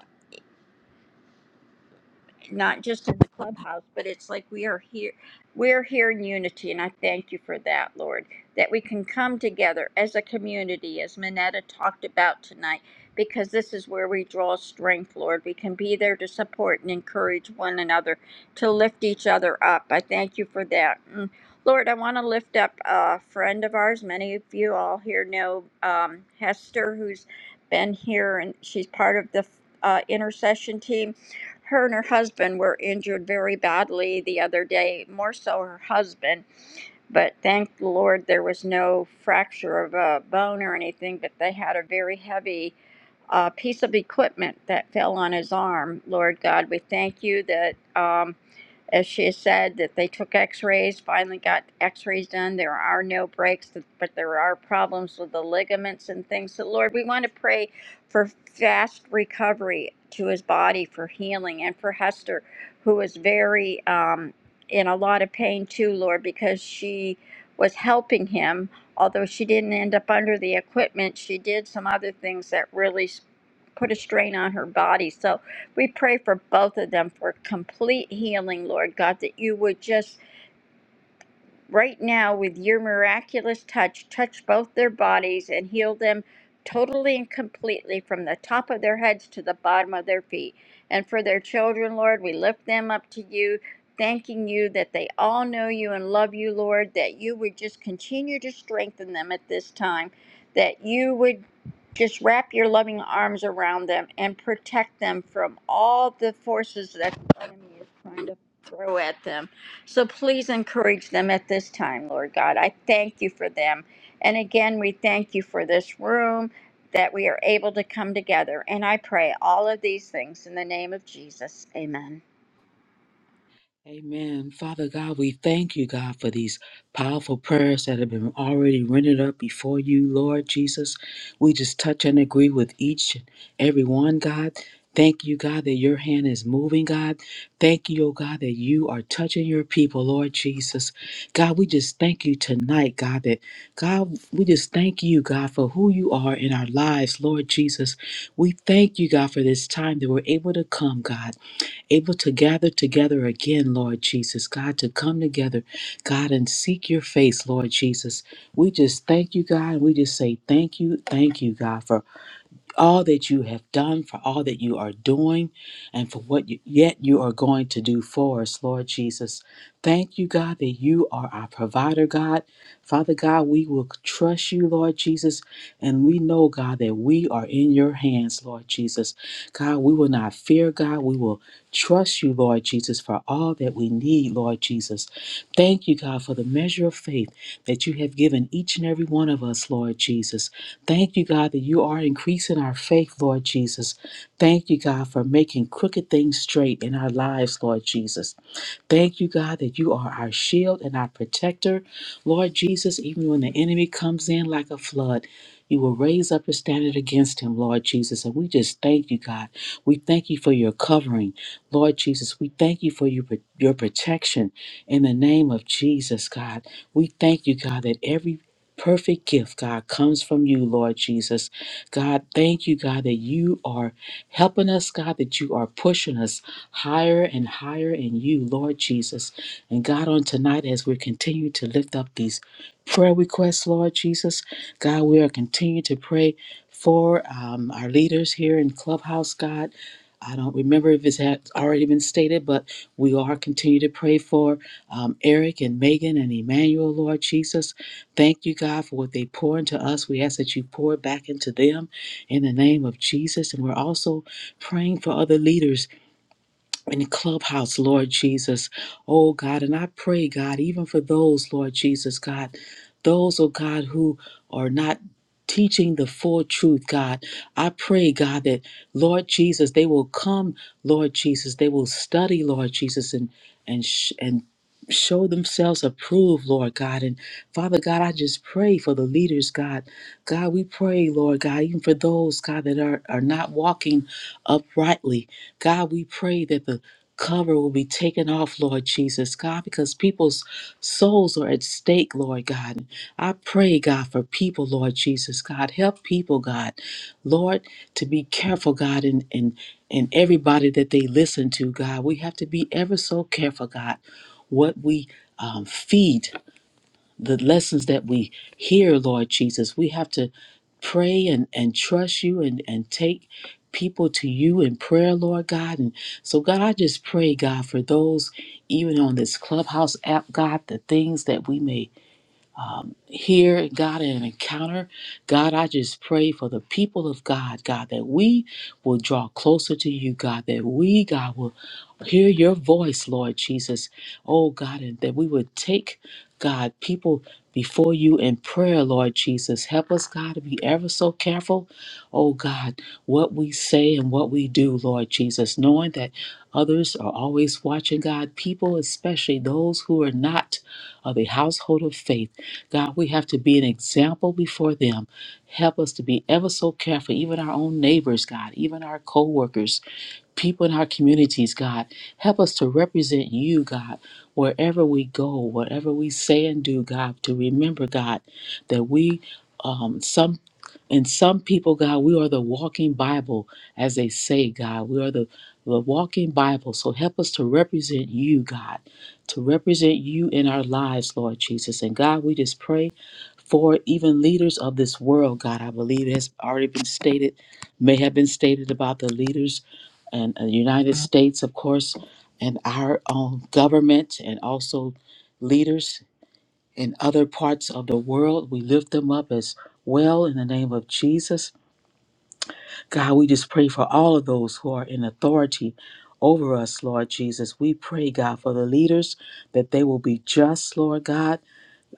[SPEAKER 3] not just in the clubhouse, but it's like we are here. We're here in unity, and I thank you for that, Lord, that we can come together as a community, as Minetta talked about tonight, because this is where we draw strength, Lord. We can be there to support and encourage one another, to lift each other up. I thank you for that. Mm. Lord, I want to lift up a friend of ours. Many of you all here know um, Hester, who's been here, and she's part of the uh, intercession team her and her husband were injured very badly the other day, more so her husband. But thank the Lord there was no fracture of a bone or anything, but they had a very heavy uh, piece of equipment that fell on his arm. Lord God, we thank you that. Um, as she said, that they took x-rays, finally got x-rays done. There are no breaks, but there are problems with the ligaments and things. So Lord, we want to pray for fast recovery to his body, for healing, and for Hester, who is very um, in a lot of pain too, Lord, because she was helping him. Although she didn't end up under the equipment, she did some other things that really s- put a strain on her body. So we pray for both of them for complete healing, Lord God, that you would just right now with your miraculous touch. Touch both their bodies and heal them totally and completely from the top of their heads to the bottom of their feet. And for their children, Lord, we lift them up to you, thanking you that they all know you and love you, Lord, that you would just continue to strengthen them at this time, that you would just wrap your loving arms around them and protect them from all the forces that the enemy is trying to throw at them so please encourage them at this time, Lord God. I thank you for them. And again, we thank you for this room that we are able to come together. And I pray all of these things in the name of Jesus. Amen.
[SPEAKER 2] Amen. Father God, we thank you, God, for these powerful prayers that have been already rendered up before you, Lord Jesus. We just touch and agree with each and every one, God. Thank you, God, that your hand is moving, God. Thank you, oh God, that you are touching your people, Lord Jesus. God, we just thank you tonight, God, that God, we just thank you, God, for who you are in our lives, Lord Jesus. We thank you, God, for this time that we're able to come, God able to gather together again, Lord Jesus, God, to come together, God, and seek your face, Lord Jesus. We just thank you, God. We just say thank you, thank you, God, for all that you have done, for all that you are doing, and for what you, yet you are going to do for us, Lord Jesus. Thank you, God, that you are our provider, God. Father God, we will trust you, Lord Jesus, and we know, God, that we are in your hands, Lord Jesus. God, we will not fear, God. We will trust you, Lord Jesus, for all that we need, Lord Jesus. Thank you, God, for the measure of faith that you have given each and every one of us, Lord Jesus. Thank you, God, that you are increasing our faith, Lord Jesus. Thank you, God, for making crooked things straight in our lives, Lord Jesus. Thank you, God, that you are our shield and our protector. Lord Jesus, even when the enemy comes in like a flood, you will raise up a standard against him, Lord Jesus. And we just thank you, God. We thank you for your covering, Lord Jesus. We thank you for your, your protection in the name of Jesus, God. We thank you, God, that every perfect gift, God, comes from you, Lord Jesus. God, thank you, God, that you are helping us, God, that you are pushing us higher and higher in you, Lord Jesus. And God, on tonight, as we continue to lift up these prayer requests, Lord Jesus, God, we are continuing to pray for um, our leaders here in Clubhouse, God. I don't remember if it's had already been stated, but we are continue to pray for um, Eric and Megan and Emmanuel, Lord Jesus. Thank you, God, for what they pour into us. We ask that you pour back into them in the name of Jesus. And we're also praying for other leaders in the clubhouse, Lord Jesus. Oh God, and I pray, God, even for those, Lord Jesus, God, those, oh God, who are not teaching the full truth, God. I pray, God, that Lord Jesus, they will come, Lord Jesus, they will study, Lord Jesus, and and sh- and show themselves approved, Lord God. And Father God, I just pray for the leaders, God. God, we pray, Lord God, even for those, God, that are, are not walking uprightly. God, we pray that the cover will be taken off, Lord Jesus, God, because people's souls are at stake, Lord God. I pray, God, for people, Lord Jesus, God. Help people, God, Lord, to be careful, God, and and and everybody that they listen to, God. We have to be ever so careful, God, what we um, feed the lessons that we hear, Lord Jesus. We have to pray and, and trust you and, and take people to you in prayer, Lord God. And so, God, I just pray, God, for those even on this Clubhouse app, God, the things that we may here, God, in an encounter. God, I just pray for the people of God, God, that we will draw closer to you, God, that we, God, will hear your voice, Lord Jesus. Oh, God, and that we would take, God, people before you in prayer, Lord Jesus. Help us, God, to be ever so careful, oh, God, what we say and what we do, Lord Jesus, knowing that others are always watching, God, people, especially those who are not of the household of faith. God, we have to be an example before them. Help us to be ever so careful, even our own neighbors, God, even our co-workers, people in our communities, God. Help us to represent you, God, wherever we go, whatever we say and do, God, to remember, God, that we um, and some people, God, we are the walking Bible, as they say, God. We are the, the walking Bible. So help us to represent you, God, to represent you in our lives, Lord Jesus. And God, we just pray for even leaders of this world, God. I believe it has already been stated, may have been stated about the leaders and the United States, of course, and our own government and also leaders in other parts of the world. We lift them up as well in the name of Jesus. God, we just pray for all of those who are in authority over us, Lord Jesus. We pray, God, for the leaders that they will be just, Lord God.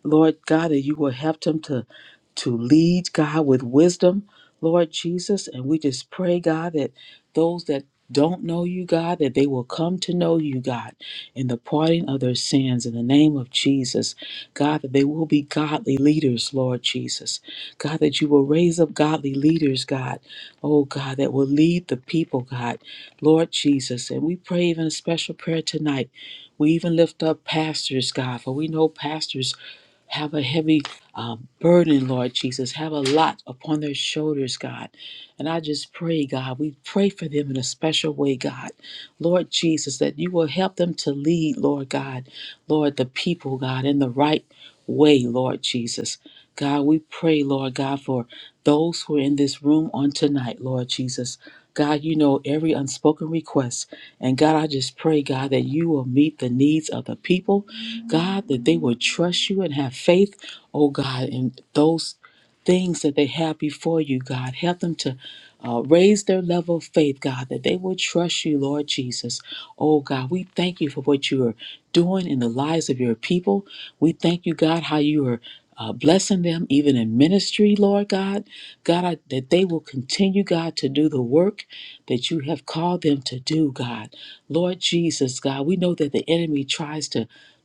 [SPEAKER 2] Lord God, that you will help them to, to lead, God, with wisdom, Lord Jesus. And we just pray, God, that those that don't know you, God, that they will come to know you, God, in the parting of their sins in the name of Jesus. God, that they will be godly leaders, Lord Jesus. God, that you will raise up godly leaders, God. Oh, God, that will lead the people, God, Lord Jesus. And we pray even a special prayer tonight. We even lift up pastors, God, for we know pastors have a heavy uh, burden, Lord Jesus, have a lot upon their shoulders, God. And I just pray, God, we pray for them in a special way, God. Lord Jesus, that you will help them to lead, Lord God, Lord, the people, God, in the right way, Lord Jesus. God, we pray, Lord God, for those who are in this room on tonight, Lord Jesus. God, you know every unspoken request. And God, I just pray, God, that you will meet the needs of the people God, that they will trust you and have faith, oh God, in those things that they have before you, God. Help them to uh, raise their level of faith, God, that they will trust you, Lord Jesus. Oh God, we thank you for what you are doing in the lives of your people. We thank you, God, how you are. Uh, blessing them even in ministry, Lord God. God, I, that they will continue, God, to do the work that you have called them to do, God. Lord Jesus, God, we know that the enemy tries to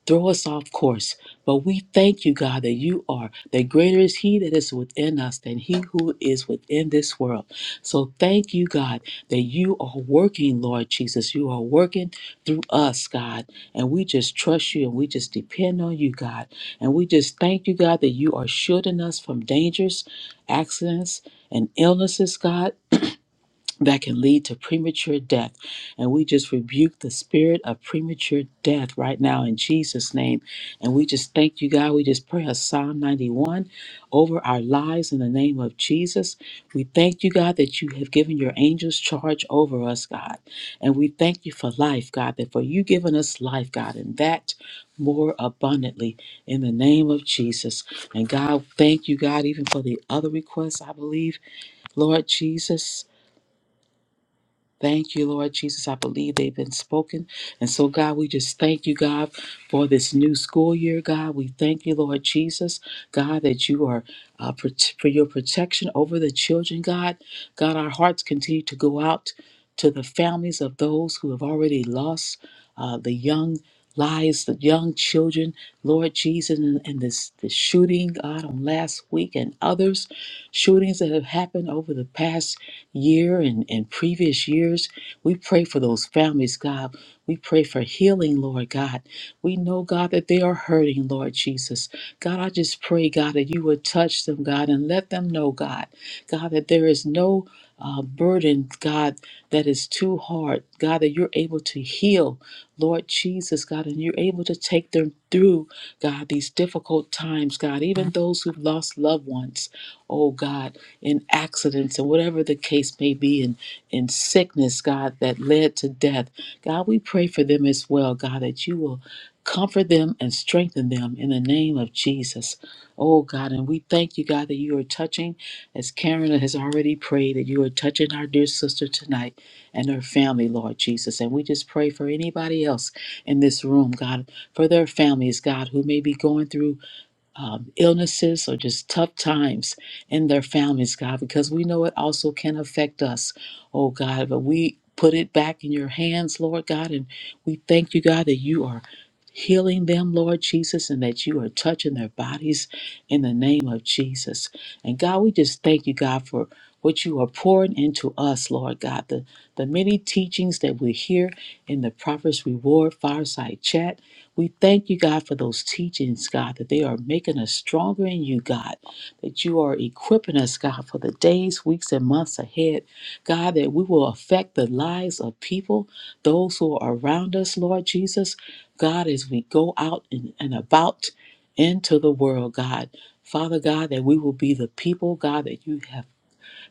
[SPEAKER 2] throw us off course. But we thank you, God, that you are, that greater is He that is within us than He who is within this world. So thank you, God, that you are working, Lord Jesus. You are working through us, God. And we just trust you and we just depend on you, God. And we just thank you, God, that you are shielding us from dangers, accidents, and illnesses, God that can lead to premature death. And we just rebuke the spirit of premature death right now in Jesus' name. And we just thank you, God. We just pray a Psalm 91 over our lives in the name of Jesus. We thank you, God, that you have given your angels charge over us, God. And we thank you for life, God, that for you giving us life, God, and that more abundantly in the name of Jesus. And God, thank you, God, even for the other requests, I believe, Lord Jesus. Thank you, Lord Jesus. I believe they've been spoken. And so, God, we just thank you, God, for this new school year, God. We thank you, Lord Jesus, God, that you are uh, prot- for your protection over the children, God. God, our hearts continue to go out to the families of those who have already lost uh, the young lives, the young children, Lord Jesus, and, and this, this shooting, God, on last week and others, shootings that have happened over the past year and, and previous years. We pray for those families, God. We pray for healing, Lord God. We know, God, that they are hurting, Lord Jesus. God, I just pray, God, that you would touch them, God, and let them know, God, God, that there is no uh, burden, God, that is too hard. God, that you're able to heal, Lord Jesus, God, and you're able to take them through, God, these difficult times, God, even those who've lost loved ones, oh God in accidents and whatever the case may be, in, in sickness, God, that led to death. God, we pray for them as well, God, that you will comfort them and strengthen them in the name of Jesus. Oh, God, and we thank you, God, that you are touching, as Karen has already prayed, that you are touching our dear sister tonight and her family, Lord Jesus. And we just pray for anybody else in this room, God, for their families, God, who may be going through um, illnesses or just tough times in their families, God, because we know it also can affect us, oh God. But we put it back in your hands, Lord God, and we thank you, God, that you are healing them, Lord Jesus, and that you are touching their bodies in the name of Jesus. And God, we just thank you, God, for what you are pouring into us, Lord God, the, the many teachings that we hear in the Prophets Reward Fireside Chat. We thank you, God, for those teachings, God, that they are making us stronger in you, God, that you are equipping us, God, for the days, weeks, and months ahead, God, that we will affect the lives of people, those who are around us, Lord Jesus, God, as we go out and, and about into the world, God. Father God, that we will be the people, God, that you have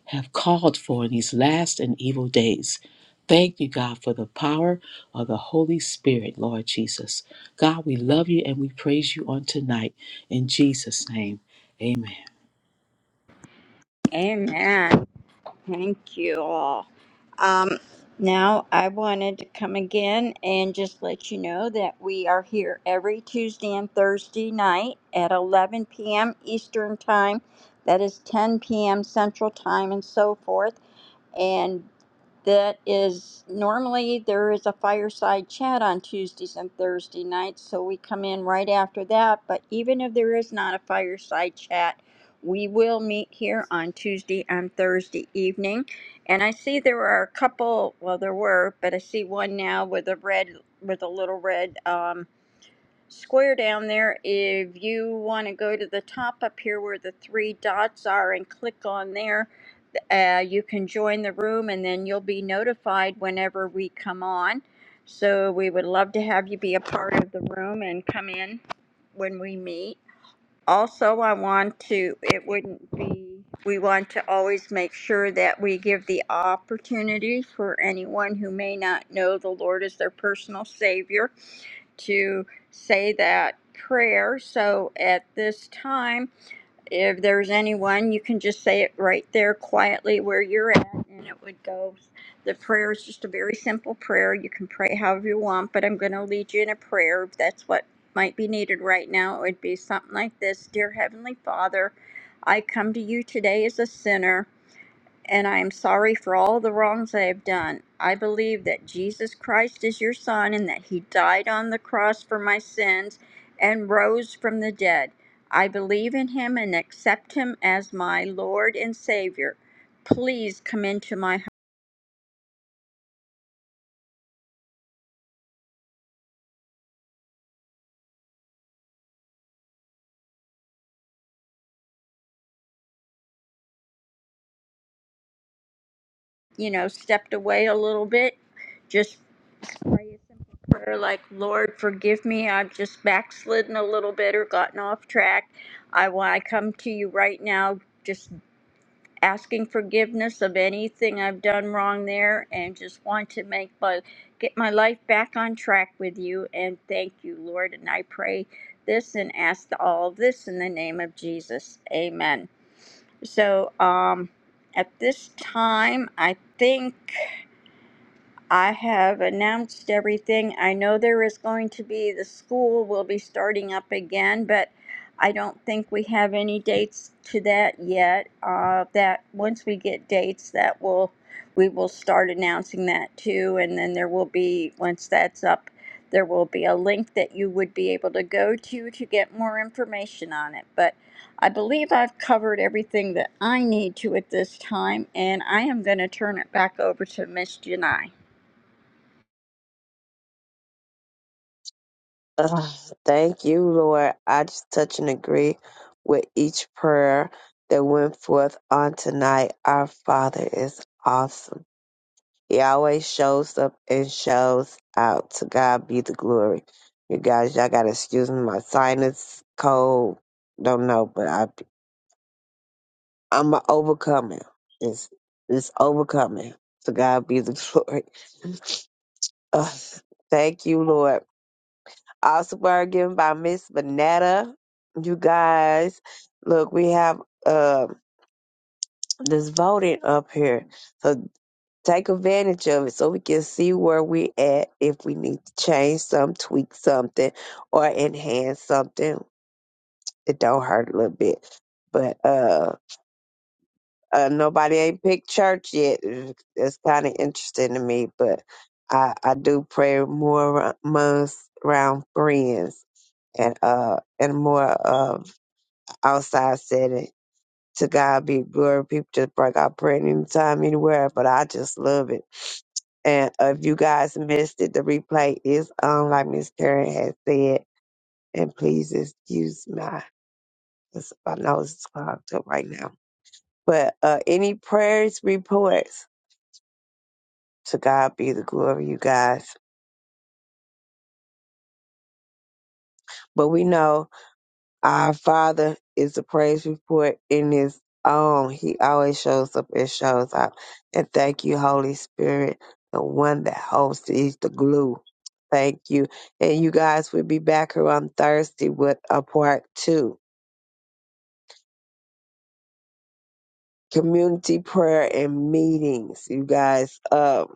[SPEAKER 2] have called for in these last and evil days. Thank you, God, for the power of the Holy Spirit, Lord Jesus. God, we love you and we praise you on tonight. In Jesus' name, amen.
[SPEAKER 3] Amen. Thank you all. Um, now, I wanted to come again and just let you know that we are here every Tuesday and Thursday night at 11 p.m. Eastern Time. That is 10 p.m. Central Time and so forth. and that is normally there is a fireside chat on Tuesdays and Thursday nights, so we come in right after that. But even if there is not a fireside chat, we will meet here on Tuesday and Thursday evening. And I see there are a couple, well, there were, but I see one now with a red, with a little red. Um square down there. If you want to go to the top up here where the three dots are and click on there, uh, you can join the room and then you'll be notified whenever we come on. So we would love to have you be a part of the room and come in when we meet. Also, I want to, it wouldn't be, we want to always make sure that we give the opportunity for anyone who may not know the Lord as their personal Savior to say that prayer. So at this time, if there's anyone, you can just say it right there quietly where you're at, and it would go. The prayer is just a very simple prayer. You can pray however you want, but I'm going to lead you in a prayer. If that's what might be needed right now, it would be something like this Dear Heavenly Father, I come to you today as a sinner and I am sorry for all the wrongs I have done. I believe that Jesus Christ is your Son and that He died on the cross for my sins and rose from the dead. I believe in Him and accept Him as my Lord and Savior. Please come into my heart. You know, stepped away a little bit. Just pray a simple prayer like, Lord, forgive me. I've just backslidden a little bit or gotten off track. I, I come to you right now. Just asking forgiveness of anything I've done wrong there and just want to make my get my life back on track with you and thank you, Lord. And I pray this and ask all of this in the name of Jesus. Amen. So um at this time I think I have announced everything. I know there is going to be, the school will be starting up again, but I don't think we have any dates to that yet. Uh, that, once we get dates, that will, we will start announcing that too. And then there will be, once that's up, there will be a link that you would be able to go to to get more information on it. But I believe I've covered everything that I need to at this time, and I am going to turn it back over to Miss Janai.
[SPEAKER 1] Ugh, thank you, Lord. I just touch and agree with each prayer that went forth on tonight. Our Father is awesome. He always shows up and shows out. To God be the glory. You guys, y'all gotta excuse me. My sinus cold. Don't know, but I I'm a overcoming. It's it's overcoming. To God be the glory. Ugh, thank you, Lord. Also, word given by Miss Vanetta. You guys, look, we have um this voting up here, so take advantage of it so we can see where we at. If we need to change some, tweak something, or enhance something, it don't hurt a little bit. But uh, uh nobody ain't picked church yet. It's kind of interesting to me, but I I do pray more aro- amongst around friends and uh and more of outside setting. To God be glory. People just bring out prayer anytime, anywhere, but I just love it. And uh, if you guys missed it, the replay is on, like Miss Karen has said. And please excuse my, my nose is clogged up right now. But uh, any prayers, reports, to God be the glory, you guys. But we know Our Father is a praise report in His own. He always shows up and shows out. And thank you, Holy Spirit, the one that holds is the glue. Thank you. And you guys we will be back here on Thursday with a part two. Community prayer and meetings, you guys. Um,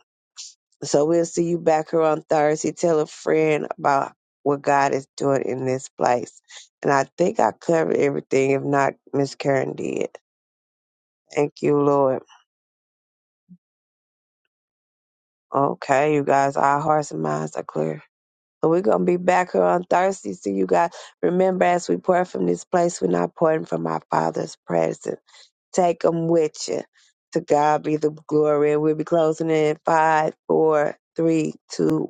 [SPEAKER 1] so we'll see you back here on Thursday. Tell a friend about what God is doing in this place. And I think I covered everything. If not, Miss Karen did. Thank you, Lord. Okay, you guys, our hearts and minds are clear. So we're gonna be back here on Thursday. So you guys remember as we pour from this place, we're not pouring from our Father's presence. Take them with you. To God be the glory. And we'll be closing in five, four, three, two, one.